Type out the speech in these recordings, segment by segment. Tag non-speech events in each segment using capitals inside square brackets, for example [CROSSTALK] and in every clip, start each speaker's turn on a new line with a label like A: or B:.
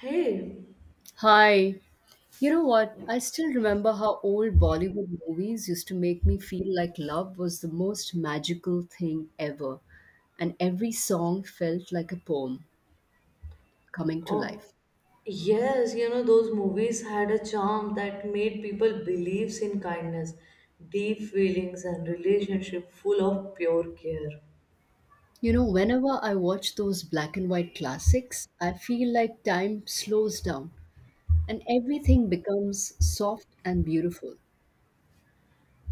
A: Hey,
B: Hi. You know what? I still remember how old Bollywood movies used to make me feel like love was the most magical thing ever, and every song felt like a poem coming to
A: oh,
B: life.
A: yes, you know, those movies had a charm that made people believe in kindness, deep feelings, and relationship full of pure care.
B: You know, whenever I watch those black and white classics, I feel like time slows down and everything becomes soft and beautiful.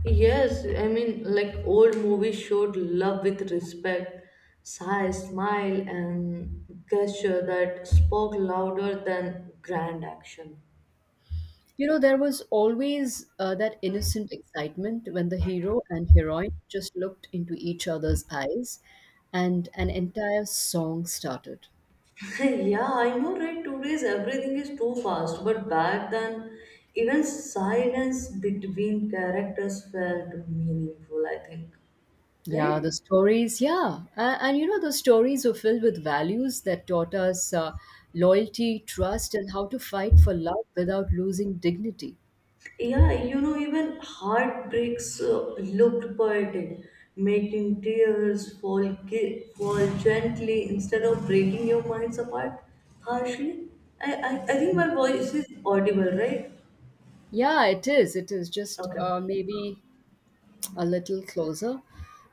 A: Yes, I mean, like old movies showed love with respect, sigh, smile, and gesture that spoke louder than grand action.
B: You know, there was always that innocent excitement when the hero and heroine just looked into each other's eyes and an entire song started.
A: [LAUGHS] Yeah, I know, right? Today's everything is too fast, but back then, even silence between characters felt meaningful, I think.
B: Yeah, the
A: Right?
B: stories, yeah. And you know, the stories were filled with values that taught us loyalty, trust, and how to fight for love without losing dignity.
A: Yeah, you know, even heartbreaks looked poetic, making tears fall, fall gently instead of breaking your minds apart harshly. I think
B: Mm.
A: my voice is audible, right?
B: Yeah, it is. It is just
A: Okay.
B: maybe a little closer.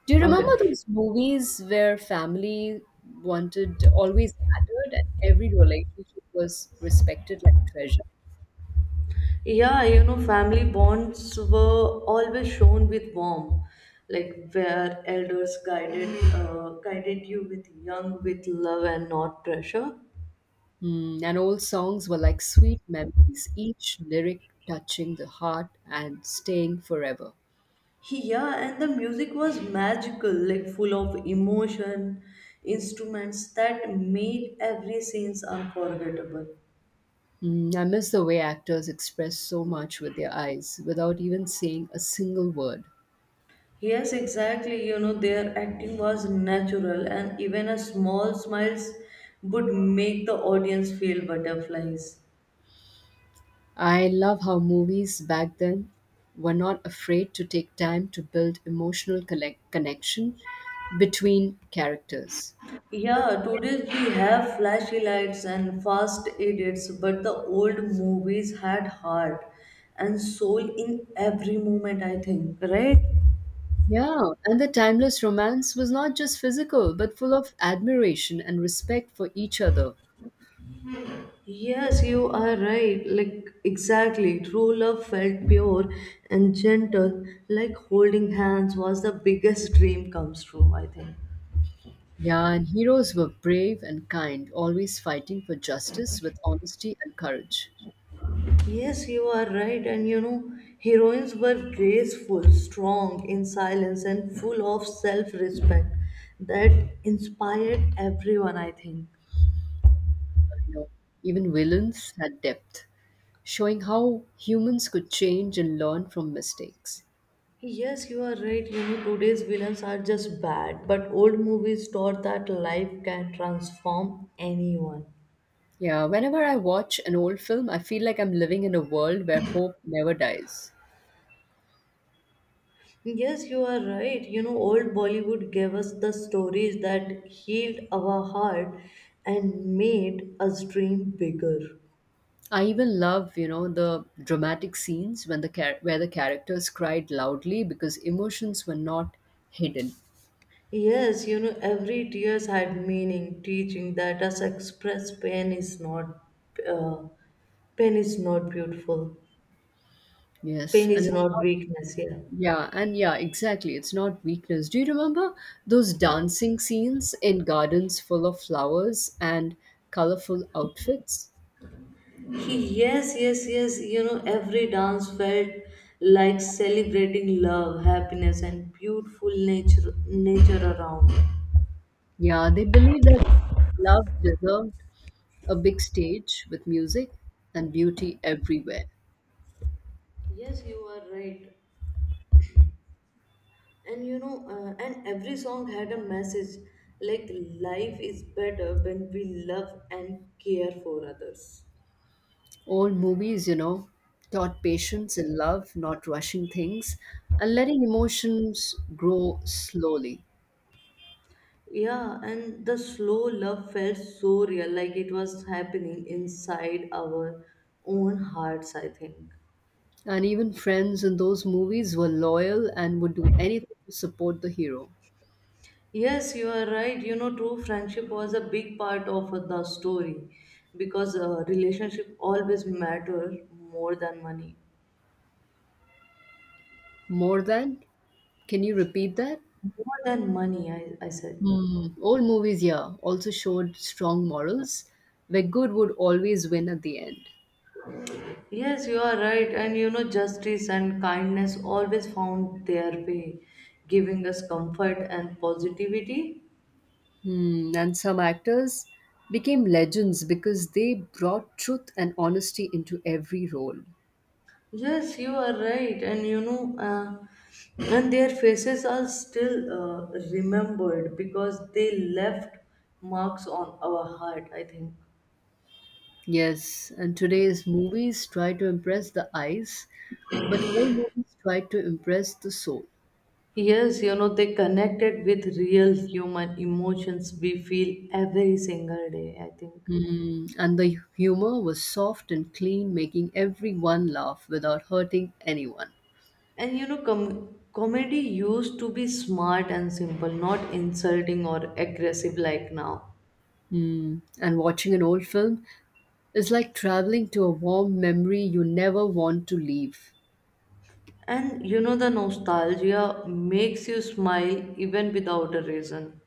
B: Do you remember
A: Okay.
B: those movies where family wanted always mattered and every relationship was respected like treasure?
A: Yeah, you know, family bonds were always shown with warmth, like where elders guided you with young with love and not pressure.
B: Mm, and old songs were like sweet memories, each lyric touching the heart and staying forever.
A: He, yeah, and the music was magical, like full of emotion, instruments that made every scenes unforgettable.
B: Mm, I miss the way actors express so much with their eyes without even saying a single word.
A: Yes, exactly. You know, their acting was natural, and even a small smiles would make the audience feel butterflies.
B: I love how movies back then were not afraid to take time to build emotional connection between characters.
A: Yeah, today we have flashy lights and fast edits, but the old movies had heart and soul in every moment, I think, right?
B: Yeah, and the timeless romance was not just physical, but full of admiration and respect for each other.
A: Yes, you are right. Like, exactly. True love felt pure and gentle, like holding hands was the biggest dream comes true, I think.
B: Yeah, and heroes were brave and kind, always fighting for justice with honesty and courage.
A: Yes, you are right. And you know, heroines were graceful, strong, in silence, and full of self respect that inspired everyone, I think.
B: You know, even villains had depth, showing how humans could change and learn from mistakes.
A: Yes, you are right. You know, today's villains are just bad, but old movies taught that life can transform anyone.
B: Yeah, whenever I watch an old film, I feel like I'm living in a world where hope never dies.
A: Yes, you are right. You know, old Bollywood gave us the stories that healed our heart and made us dream bigger.
B: I even love, you know, the dramatic scenes when the where the characters cried loudly because emotions were not hidden.
A: Yes, you know, every tears had meaning, teaching that us express pain is uh, not beautiful.
B: Yes,
A: Pain
B: and
A: is
B: it's
A: not
B: not
A: weakness, yeah.
B: yeah, and yeah, exactly. It's not weakness. Do you remember those dancing scenes in gardens full of flowers and colorful outfits?
A: He, yes, yes, yes. You know, every dance felt like celebrating love, happiness, and beautiful nature around.
B: Yeah, they believe that love deserved a big stage with music and beauty everywhere.
A: Yes, you are right. And you know, and every song had a message like life is better when we love and care for others.
B: Old movies, you know, taught patience and love, not rushing things and letting emotions grow slowly.
A: Yeah, and the slow love felt so real, like it was happening inside our own hearts, I think.
B: And even friends in those movies were loyal and would do anything to support the hero.
A: Yes, you are right. You know, true friendship was a big part of the story because relationship always matter more than money.
B: More than, can you repeat that?
A: More than money, I said.
B: Hmm. Old movies, yeah, also showed strong morals where good would always win at the end.
A: Yes, you are right. And you know, justice and kindness always found their way, giving us comfort and positivity.
B: Hmm, and some actors became legends because they brought truth and honesty into every role.
A: Yes, you are right, and you know, and their faces are still remembered because they left marks on our heart, I think.
B: Yes, and today's movies try to impress the eyes, but old movies try to impress the soul.
A: Yes, you know, they connected with real human emotions we feel every single day, I think.
B: Hmm, and the humor was soft and clean, making everyone laugh without hurting anyone.
A: And you know, comedy used to be smart and simple, not insulting or aggressive like now.
B: Hmm, and watching an old film is like traveling to a warm memory you never want to leave.
A: And you know, the nostalgia makes you smile even without a reason.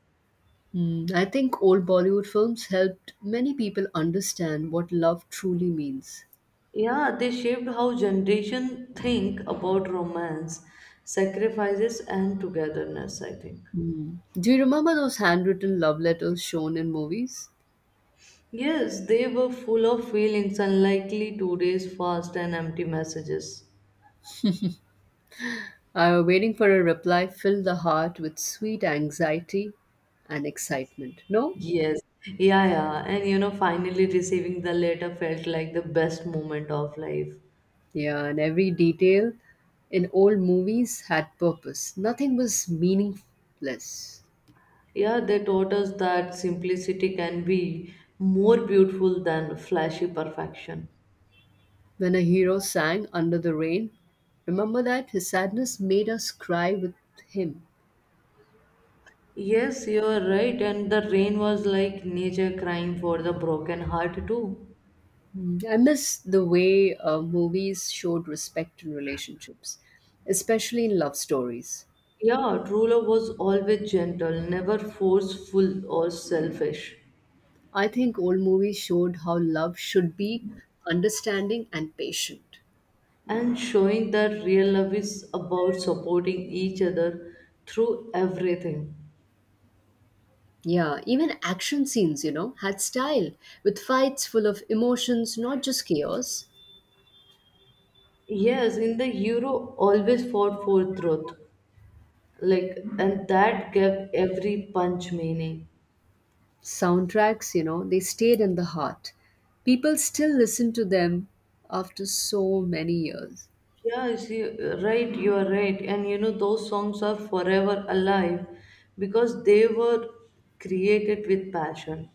B: Mm, I think old Bollywood films helped many people understand what love truly means.
A: Yeah, they shaped how generation think about romance, sacrifices and togetherness, I think.
B: Mm. Do you remember those handwritten love letters shown in movies?
A: Yes, they were full of feelings, unlikely today's fast and empty messages.
B: Waiting for a reply filled the heart with sweet anxiety and excitement. No?
A: Yes. Yeah, yeah. And you know, finally receiving the letter felt like the best moment of life.
B: Yeah, and every detail in old movies had purpose. Nothing was meaningless.
A: Yeah, they taught us that simplicity can be more beautiful than flashy perfection.
B: When a hero sang Under the Rain, remember that his sadness made us cry with him.
A: Yes, you are right, and the rain was like nature crying for the broken heart too.
B: Mm, I miss the way movies showed respect in relationships, especially in love stories.
A: Yeah, true love was always gentle, never forceful or selfish,
B: I think old movies showed how love should be understanding and patient.
A: and showing that real love is about supporting each other through everything.
B: Yeah, even action scenes, you know, had style with fights full of emotions, not just chaos.
A: Yes, in the hero always fought for truth, like, and that gave every punch meaning.
B: Soundtracks, you know, they stayed in the heart. People still listen to them after so many years.
A: Yeah, you see, right, you are right. And you know, those songs are forever alive because they were created with passion.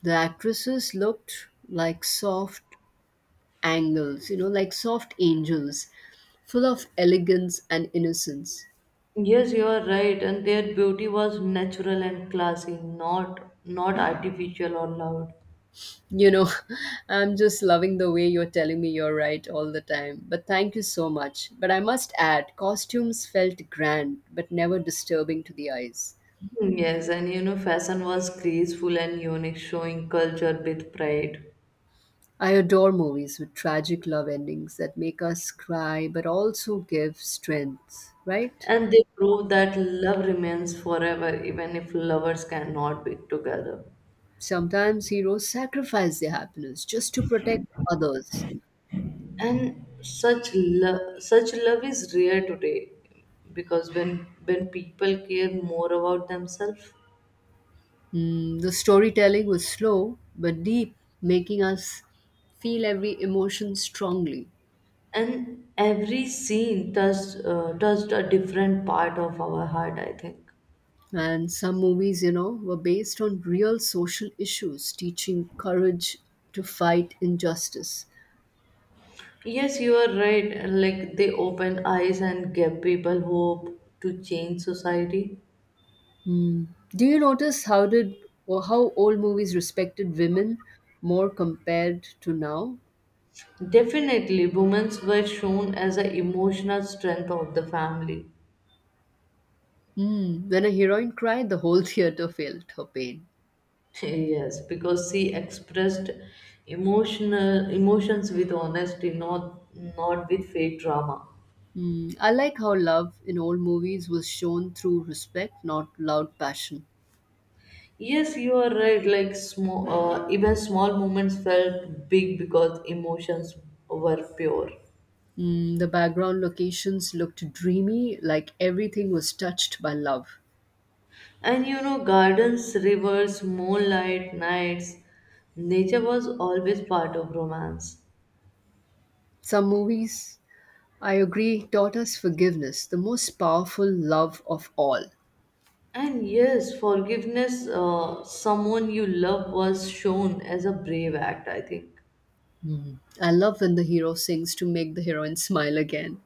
B: The actresses looked like soft, angles, you know, like soft angels, full of elegance and innocence.
A: Yes, you are right, and their beauty was natural and classy, not artificial or loud.
B: You know, [LAUGHS] I'm just loving the way you're telling me you're right all the time. But thank you so much. But I must add, costumes felt grand, but never disturbing to the eyes.
A: Hmm, yes, and you know, fashion was graceful and unique, showing culture with pride.
B: I adore movies with tragic love endings that make us cry but also give strength, right?
A: And they prove that love remains forever, even if lovers cannot be together.
B: Sometimes heroes sacrifice their happiness just to protect others.
A: And such love is rare today because when people care more about themselves.
B: Mm, the storytelling was slow but deep, making us feel every emotion strongly.
A: And every scene touched touched a different part of our heart, I think.
B: And some movies, you know, were based on real social issues, teaching courage to fight injustice.
A: Yes, you are right, like they open eyes and give people hope to change society.
B: Mm. Do you notice how did or how old movies respected women more compared to now?
A: Definitely women were shown as an emotional strength of the family.
B: Mm. When a heroine cried, the whole [LAUGHS] theater felt her pain.
A: [LAUGHS] Yes, because she expressed emotional emotions with honesty, not with fake drama.
B: Mm. I like how love in old movies was shown through respect, not loud passion.
A: Yes, you are right. Like small, even small moments felt big because emotions were pure.
B: Mm, the background locations looked dreamy, like everything was touched by love.
A: And you know, gardens, rivers, moonlight, nights, nature was always part of romance.
B: Some movies, I agree, taught us forgiveness, the most powerful love of all.
A: And yes, forgiveness, someone you love was shown as a brave act, I think.
B: Mm. I love when the hero sings to make the heroine smile again.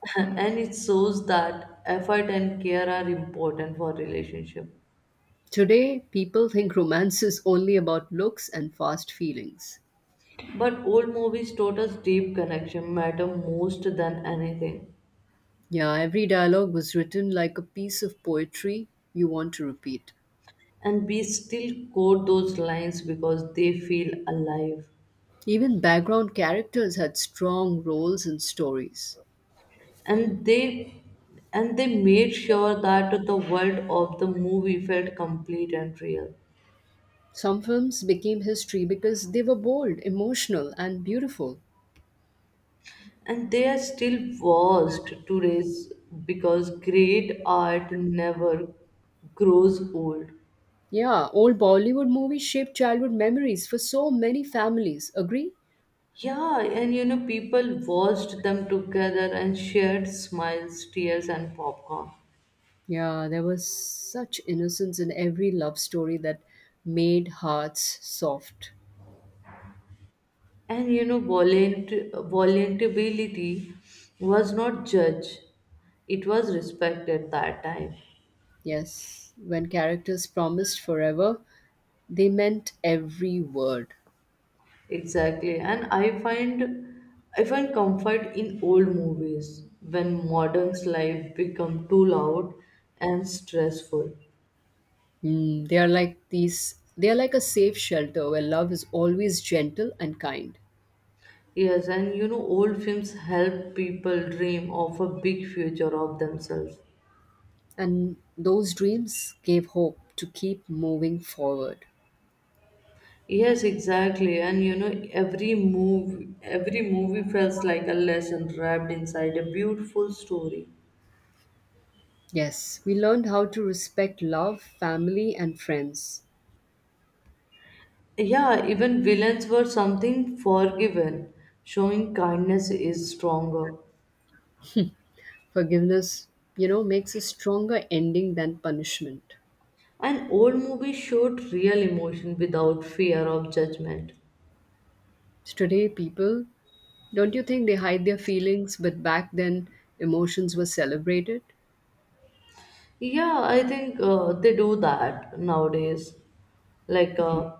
A: [LAUGHS] And it shows that effort and care are important for relationship.
B: Today, people think romance is only about looks and fast feelings.
A: But old movies taught us deep connection matter most than anything.
B: Yeah, every dialogue was written like a piece of poetry you want to repeat.
A: And we still quote those lines because they feel alive.
B: Even background characters had strong roles and stories.
A: and they and they made sure that the world of the movie felt complete and real.
B: Some films became history because they were bold, emotional, and beautiful.
A: And they are still vast to raise because great art never grows old.
B: Yeah, old Bollywood movies shaped childhood memories for so many families. Agree?
A: Yeah, and you know, people watched them together and shared smiles, tears, and popcorn.
B: Yeah, there was such innocence in every love story that made hearts soft.
A: And you know, volunteerability was not judged, it was respected that time.
B: Yes, when characters promised forever, they meant every word.
A: Exactly. And I find comfort in old movies when modern's life become too loud and stressful.
B: Mm, they are like these. They are like a safe shelter where love is always gentle and kind.
A: Yes, and you know, old films help people dream of a big future of themselves.
B: And those dreams gave hope to keep moving forward.
A: Yes, exactly. And you know, every movie feels like a lesson wrapped inside a beautiful story.
B: Yes, we learned how to respect love, family, and friends.
A: Yeah, even villains were something forgiven, showing kindness is stronger.
B: Forgiveness, you know, makes a stronger ending than punishment.
A: And old movies showed real emotion without fear of judgment.
B: So today, people, don't you think they hide their feelings, but back then, emotions were celebrated?
A: Yeah, I think they do that nowadays. Like,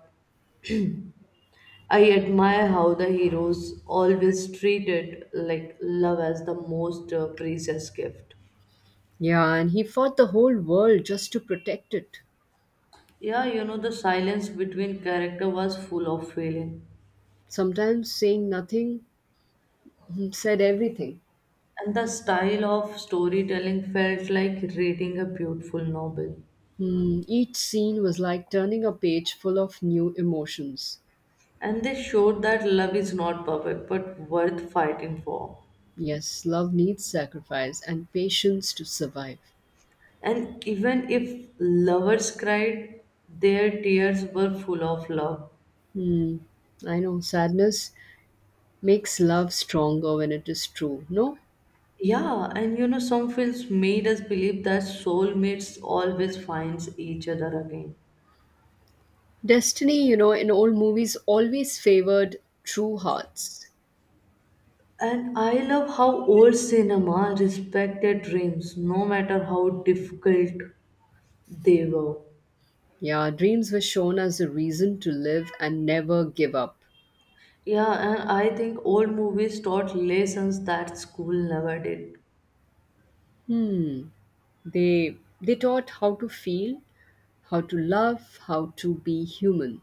A: I admire how the heroes always treated like love as the most precious gift.
B: Yeah, and he fought the whole world just to protect it.
A: Yeah, you know, the silence between character was full of feeling.
B: Sometimes saying nothing mm, said everything.
A: And the style of storytelling felt like reading a beautiful novel.
B: Hmm, each scene was like turning a page full of new emotions.
A: And they showed that love is not perfect but worth fighting for.
B: Yes, love needs sacrifice and patience to survive.
A: And even if lovers cried, their tears were full of love.
B: Hmm, I know sadness makes love stronger when it is true. No,
A: Yeah, and you know, some films made us believe that soulmates always finds each other again.
B: destiny, you know, in old movies always favored true hearts.
A: And I love how old cinema respected dreams no matter how difficult they were.
B: Yeah, dreams were shown as a reason to live and never give up.
A: Yeah, and I think old movies taught lessons that school never did.
B: Hmm, they taught how to feel, how to love, how to be human.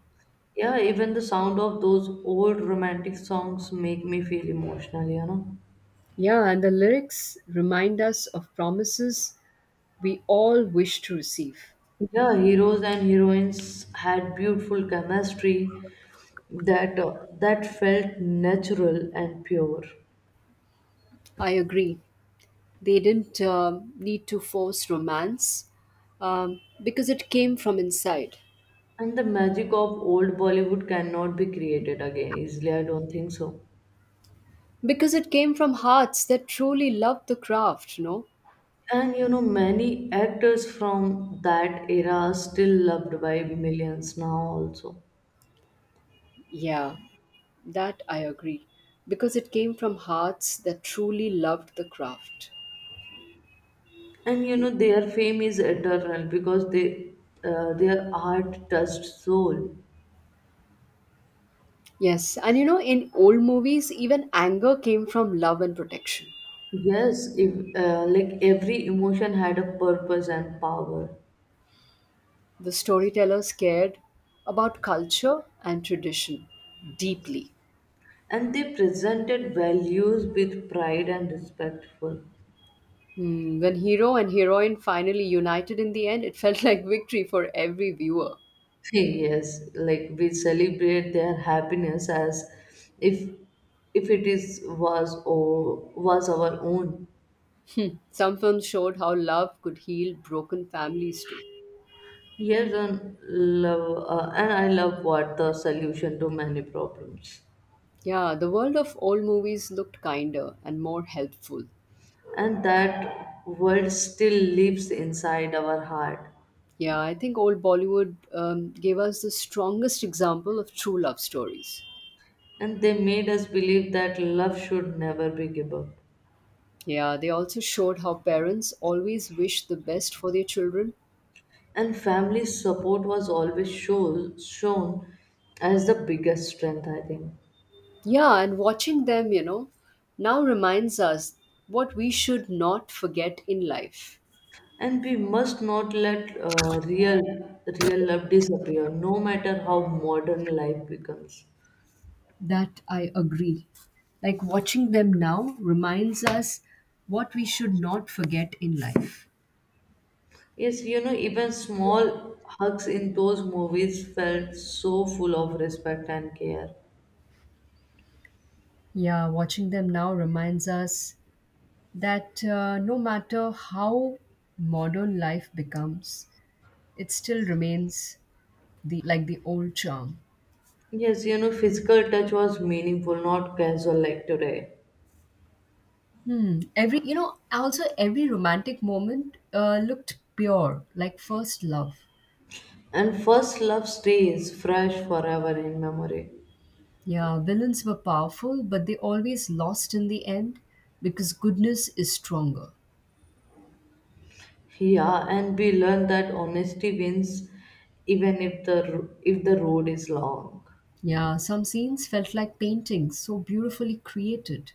A: Yeah, even the sound of those old romantic songs make me feel emotional, you know.
B: Yeah, and the lyrics remind us of promises we all wish to receive.
A: Yeah, heroes and heroines had beautiful chemistry that uh, that felt natural and pure.
B: I agree. They didn't need to force romance because it came from inside.
A: And the magic of old Bollywood cannot be created again easily, I don't think so.
B: Because it came from hearts that truly loved the craft, no.
A: And you know, many actors from that era are still loved by millions now also.
B: Yeah, that I agree. Because it came from hearts that truly loved the craft.
A: And you know, their fame is eternal because they their art touched soul.
B: Yes, and you know, in old movies, even anger came from love and protection.
A: Yes, if, like every emotion had a purpose and power,
B: The storytellers cared about culture and tradition deeply.
A: and they presented values with pride and respectful.
B: Hmm, when hero and heroine finally united in the end, it [LAUGHS] felt like victory for every viewer.
A: Yes, like we celebrate their happiness as if if it is was or was our own.
B: Some films showed how love could heal broken families too.
A: Yes, and I love what the solution to many problems,
B: Yeah, the world of old movies looked kinder and more helpful.
A: and that word still lives inside our heart.
B: Yeah, I think old Bollywood gave us the strongest example of true love stories.
A: And they made us believe that love should never be given up.
B: Yeah, they also showed how parents always wish the best for their children.
A: And family support was always shown as the biggest strength, I think.
B: Yeah, and watching them, you know, now reminds us what we should not forget in life.
A: And we must not let real love disappear, no matter how modern life becomes.
B: That I agree. Like watching them now reminds us what we should not forget in life.
A: Yes, you know, even small hugs in those movies felt so full of respect and care.
B: Yeah, watching them now reminds us that no matter how modern life becomes, it still remains the old charm.
A: Yes, you know, physical touch was meaningful, not casual like today.
B: Hmm. Every you know, also every romantic moment looked pure, like first love.
A: And first love stays fresh forever in memory.
B: Yeah, villains were powerful, but they always lost in the end because goodness is stronger.
A: Yeah, and we learn that honesty wins even if the road is long.
B: Yeah, some scenes felt like paintings, so beautifully created.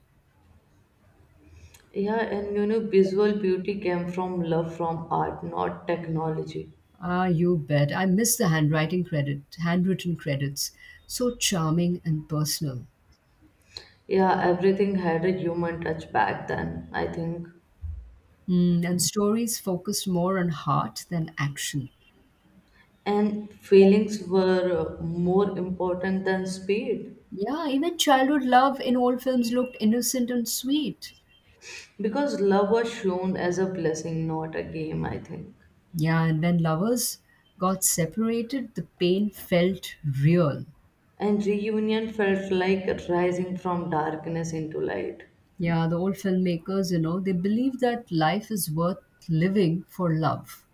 A: Yeah, and you know, visual beauty came from love from art, not technology.
B: Ah, you bet. I miss the handwritten credits. So charming and personal.
A: Yeah, everything had a human touch back then, I think.
B: Mm, and stories focused more on heart than action.
A: And feelings were more important than speed.
B: Yeah, even childhood love in old films looked innocent and sweet.
A: Because love was shown as a blessing not a game, I think.
B: Yeah, and when lovers got separated, the pain felt real.
A: And reunion felt like rising from darkness into light.
B: Yeah, the old filmmakers, you know, they believe that life is worth living for love.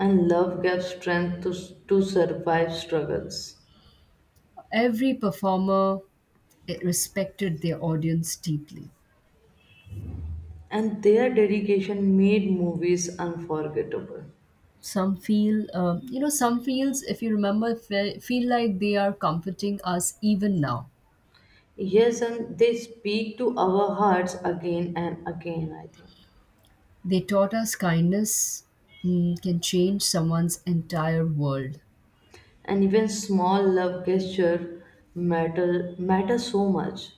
A: And love gave strength to survive struggles.
B: Every performer respected their audience deeply.
A: And their dedication made movies unforgettable.
B: Some feels, if you remember, feel like they are comforting us even now.
A: Yes, and they speak to our hearts again and again, I think.
B: They taught us kindness mm, can change someone's entire world.
A: And even small love gesture matter so much.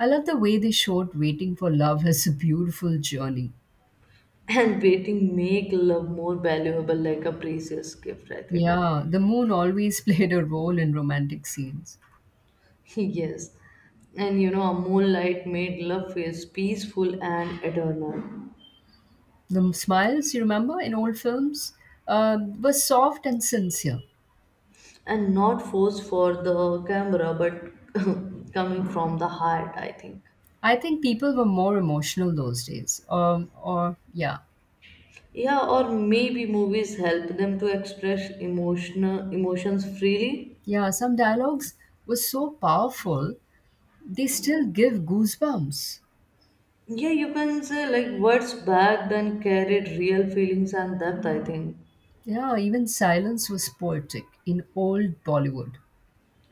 B: I love the way they showed waiting for love as a beautiful journey.
A: And waiting make love more valuable like a precious gift, I think.
B: Yeah, the moon always [LAUGHS] played a role in romantic scenes.
A: [LAUGHS] Yes, and you know a moonlight made love feels peaceful and eternal.
B: The smiles, you remember, in old films, were soft and sincere.
A: And not forced for the camera but [LAUGHS] coming from the heart, I think.
B: I think people were more emotional those days. Or Yeah,
A: Yeah, or maybe movies help them to express emotional emotions freely.
B: yeah. Some dialogues were so powerful they still give goosebumps.
A: Yeah, you can say like words back then carried real feelings and depth, I think.
B: Yeah, even silence was poetic in old Bollywood.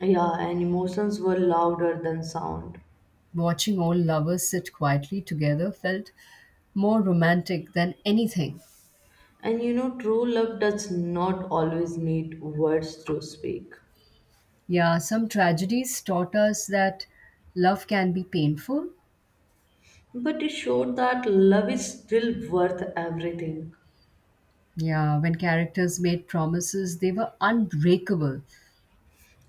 A: Yeah, and emotions were louder than sound.
B: Watching old lovers sit quietly together felt more romantic than anything.
A: And you know, true love does not always need words to speak,
B: Yeah, some tragedies taught us that love can be painful.
A: but it showed that love is still worth everything.
B: Yeah, when characters made promises, they were unbreakable.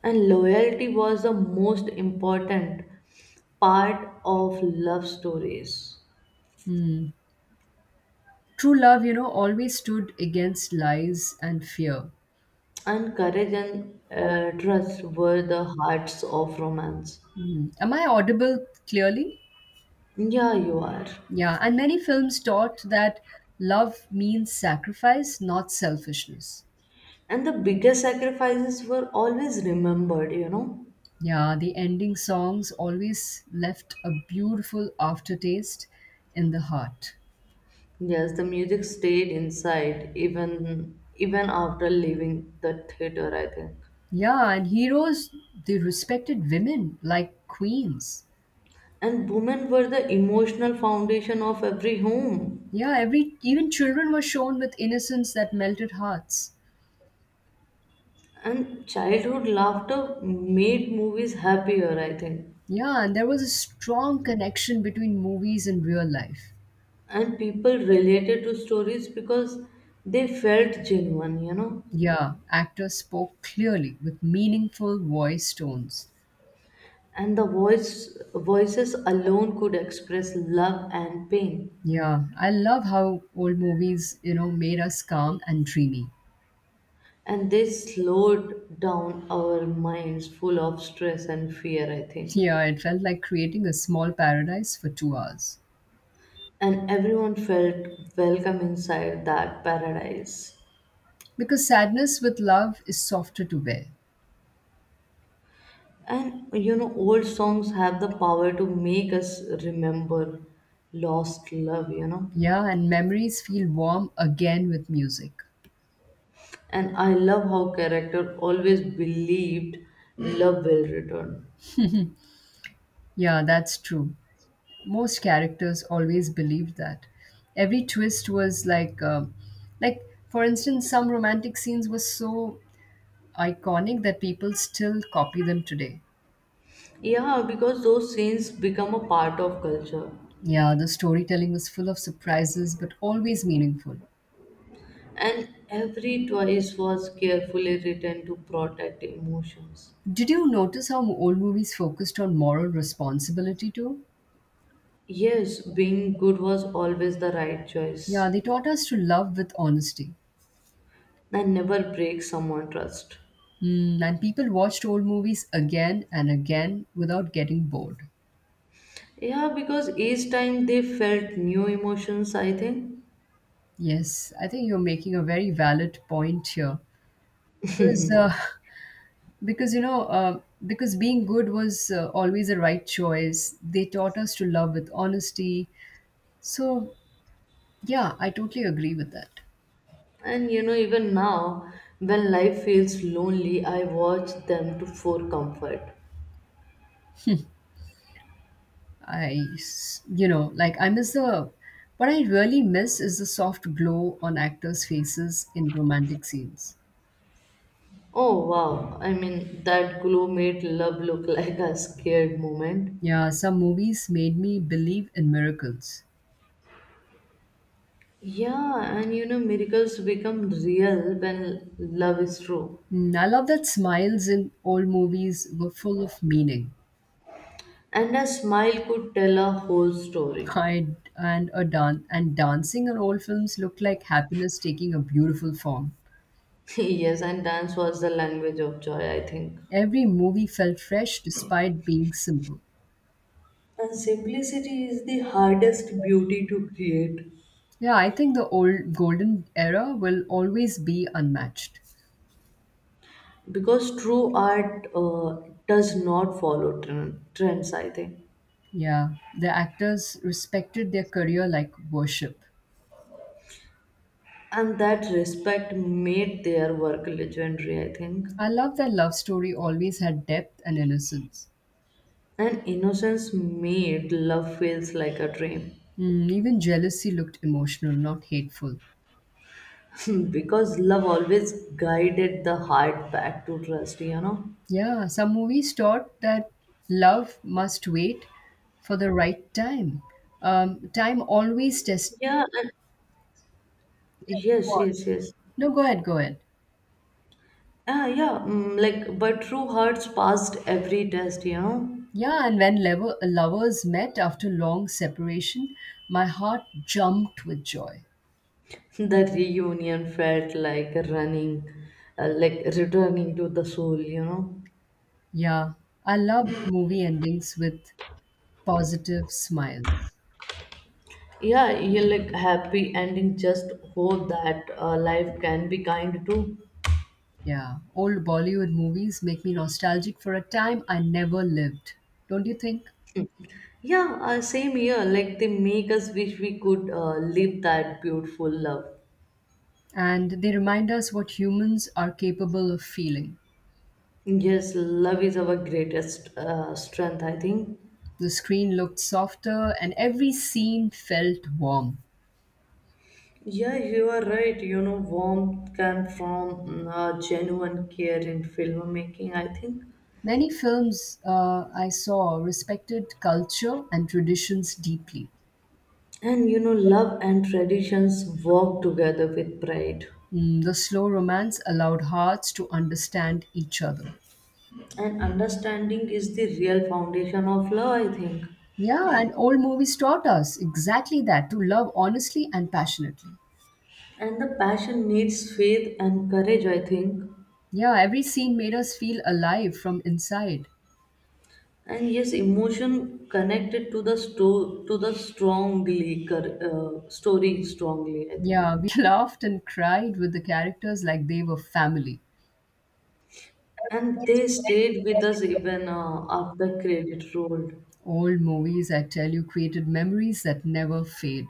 A: And loyalty was the most important part of love stories.
B: Hmm, true love, you know, always stood against lies and fear.
A: And courage and trust were the hearts of romance.
B: Hmm. Am I audible clearly?
A: Yeah, you are.
B: Yeah, and many films taught that love means sacrifice, not selfishness.
A: And the biggest sacrifices were always remembered, you know.
B: Yeah, the ending songs always left a beautiful aftertaste in the heart.
A: Yes, the music stayed inside even after leaving the theater, I think.
B: Yeah, and heroes, they respected women like queens.
A: And women were the emotional foundation of every home.
B: Yeah, every even children were shown with innocence that melted hearts.
A: And childhood laughter made movies happier, I think.
B: Yeah, and there was a strong connection between movies and real life.
A: And people related to stories because they felt genuine, you know.
B: Yeah, actors spoke clearly with meaningful voice tones.
A: And the voices alone could express love and pain.
B: Yeah, I love how old movies, you know, made us calm and dreamy.
A: And they slowed down our minds full of stress and fear, I think.
B: Yeah, it felt like creating a small paradise for 2 hours.
A: And everyone felt welcome inside that paradise.
B: Because sadness with love is softer to bear.
A: And you know, old songs have the power to make us remember lost love, you know.
B: Yeah, and memories feel warm again with music.
A: And I love how character always believed love will return.
B: Yeah, that's true. Most characters always believed that every twist was like like for instance. Some romantic scenes were so iconic that people still copy them today.
A: Yeah, because those scenes become a part of culture.
B: Yeah, the storytelling was full of surprises but always meaningful.
A: And every twice was carefully written to protect emotions.
B: Did you notice how old movies focused on moral responsibility too?
A: Yes, being good was always the right
B: Yeah,
A: choice.
B: they taught us to love with honesty.
A: And never break someone trust.
B: Mm, and people watched old movies again and again without getting bored.
A: Yeah, because each time they felt new emotions, I think.
B: Yes, I think you're making a very valid point here. Because because you know uh, because being good was always the right choice. They taught us to love with honesty. So yeah, I totally agree with that.
A: And you know even now when life feels lonely I watch them to for comfort.
B: I s- you know like I miss the What I really miss is the soft glow on actors' faces in romantic scenes.
A: Oh wow, I mean that glow made love look [LAUGHS] like a scared moment.
B: Yeah, some movies made me believe in miracles.
A: Yeah, and you know miracles become real when love is true.
B: Mm, I love that smiles in old movies were full of meaning.
A: And a smile could tell a whole story.
B: I and a dan- and dancing in old films looked like happiness taking a beautiful form.
A: [LAUGHS] Yes, and dance was the language of joy, I think.
B: Every movie felt fresh despite being simple.
A: And simplicity is the hardest beauty to create.
B: Yeah, I think the old golden era will always be unmatched.
A: Because true art does not follow trends, I think.
B: Yeah, the actors respected their career like worship.
A: And that respect made their work legendary, I think.
B: I love that love story always had depth and innocence.
A: And innocence made love feels like a dream.
B: Mm, even jealousy looked emotional, not hateful.
A: [LAUGHS] Because love always guided the heart back to trust, you know.
B: Yeah, some movies taught that love must wait for the right time. Time always tests.
A: Yeah, and yes.
B: No, go ahead.
A: Ah, yeah, mm, like but true hearts passed every test, you know.
B: Yeah, and when lovers met after long separation, my heart jumped with joy.
A: The reunion felt like running like returning to the soul, you know.
B: Yeah, I love movie endings with positive smiles.
A: Yeah, you like happy ending just hope that life can be kind too.
B: Yeah, old Bollywood movies make me nostalgic for a time I never lived. Don't you think?
A: Yeah, same here, like they make us wish we could live that beautiful love.
B: And they remind us what humans are capable of feeling.
A: Yes, love is our greatest strength, I think.
B: The screen looked softer, and every scene felt warm.
A: Yeah, you are right, you know warmth can from genuine care in filmmaking, I think.
B: Many films I saw respected culture and traditions deeply.
A: And you know, love and traditions work together with pride.
B: Mm, the slow romance allowed hearts to understand each other.
A: And understanding is the real foundation of love, I think.
B: Yeah, and old movies taught us exactly that to love honestly and passionately.
A: And the passion needs faith and courage, I think.
B: Yeah, every scene made us feel alive from inside.
A: And yes, emotion connected to the story strongly, I think.
B: Yeah, we [LAUGHS] laughed and cried with the characters like they were family.
A: And they stayed with us even after credit rolled.
B: Old movies, I tell you, created memories that never fade.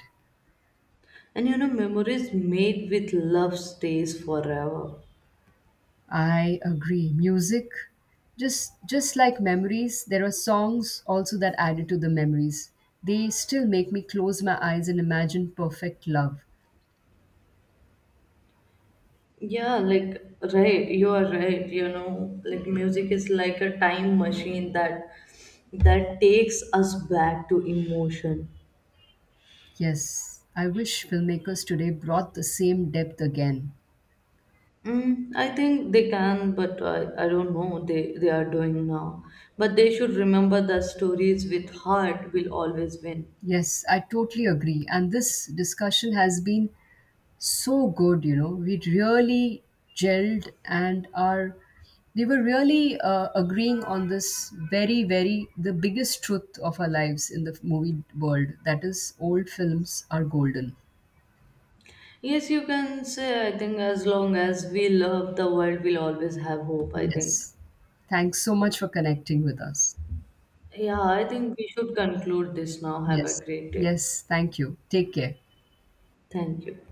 A: And you know, memories made with love stays forever.
B: I agree. Music, just like memories, there are songs also that added to the memories. They still make me close my eyes and imagine perfect love.
A: Yeah, like, right, you are right, you know, like music is like a time machine that takes us back to emotion.
B: Yes, I wish filmmakers today brought the same depth again.
A: Mm, I think they can, but I don't know they are doing now. But they should remember that stories with heart will always win.
B: Yes, I totally agree. And this discussion has been so good, you know, we really gelled and are we were really agreeing on this very the biggest truth of our lives in the movie world, that is, old films are golden.
A: Yes, you can say I think as long as we love the world, will always have hope, I think.
B: Yes, thanks so much for connecting with us.
A: Yeah, I think we should conclude this now. Have a
B: Yes,
A: great day.
B: yes, thank you, take care.
A: Thank you.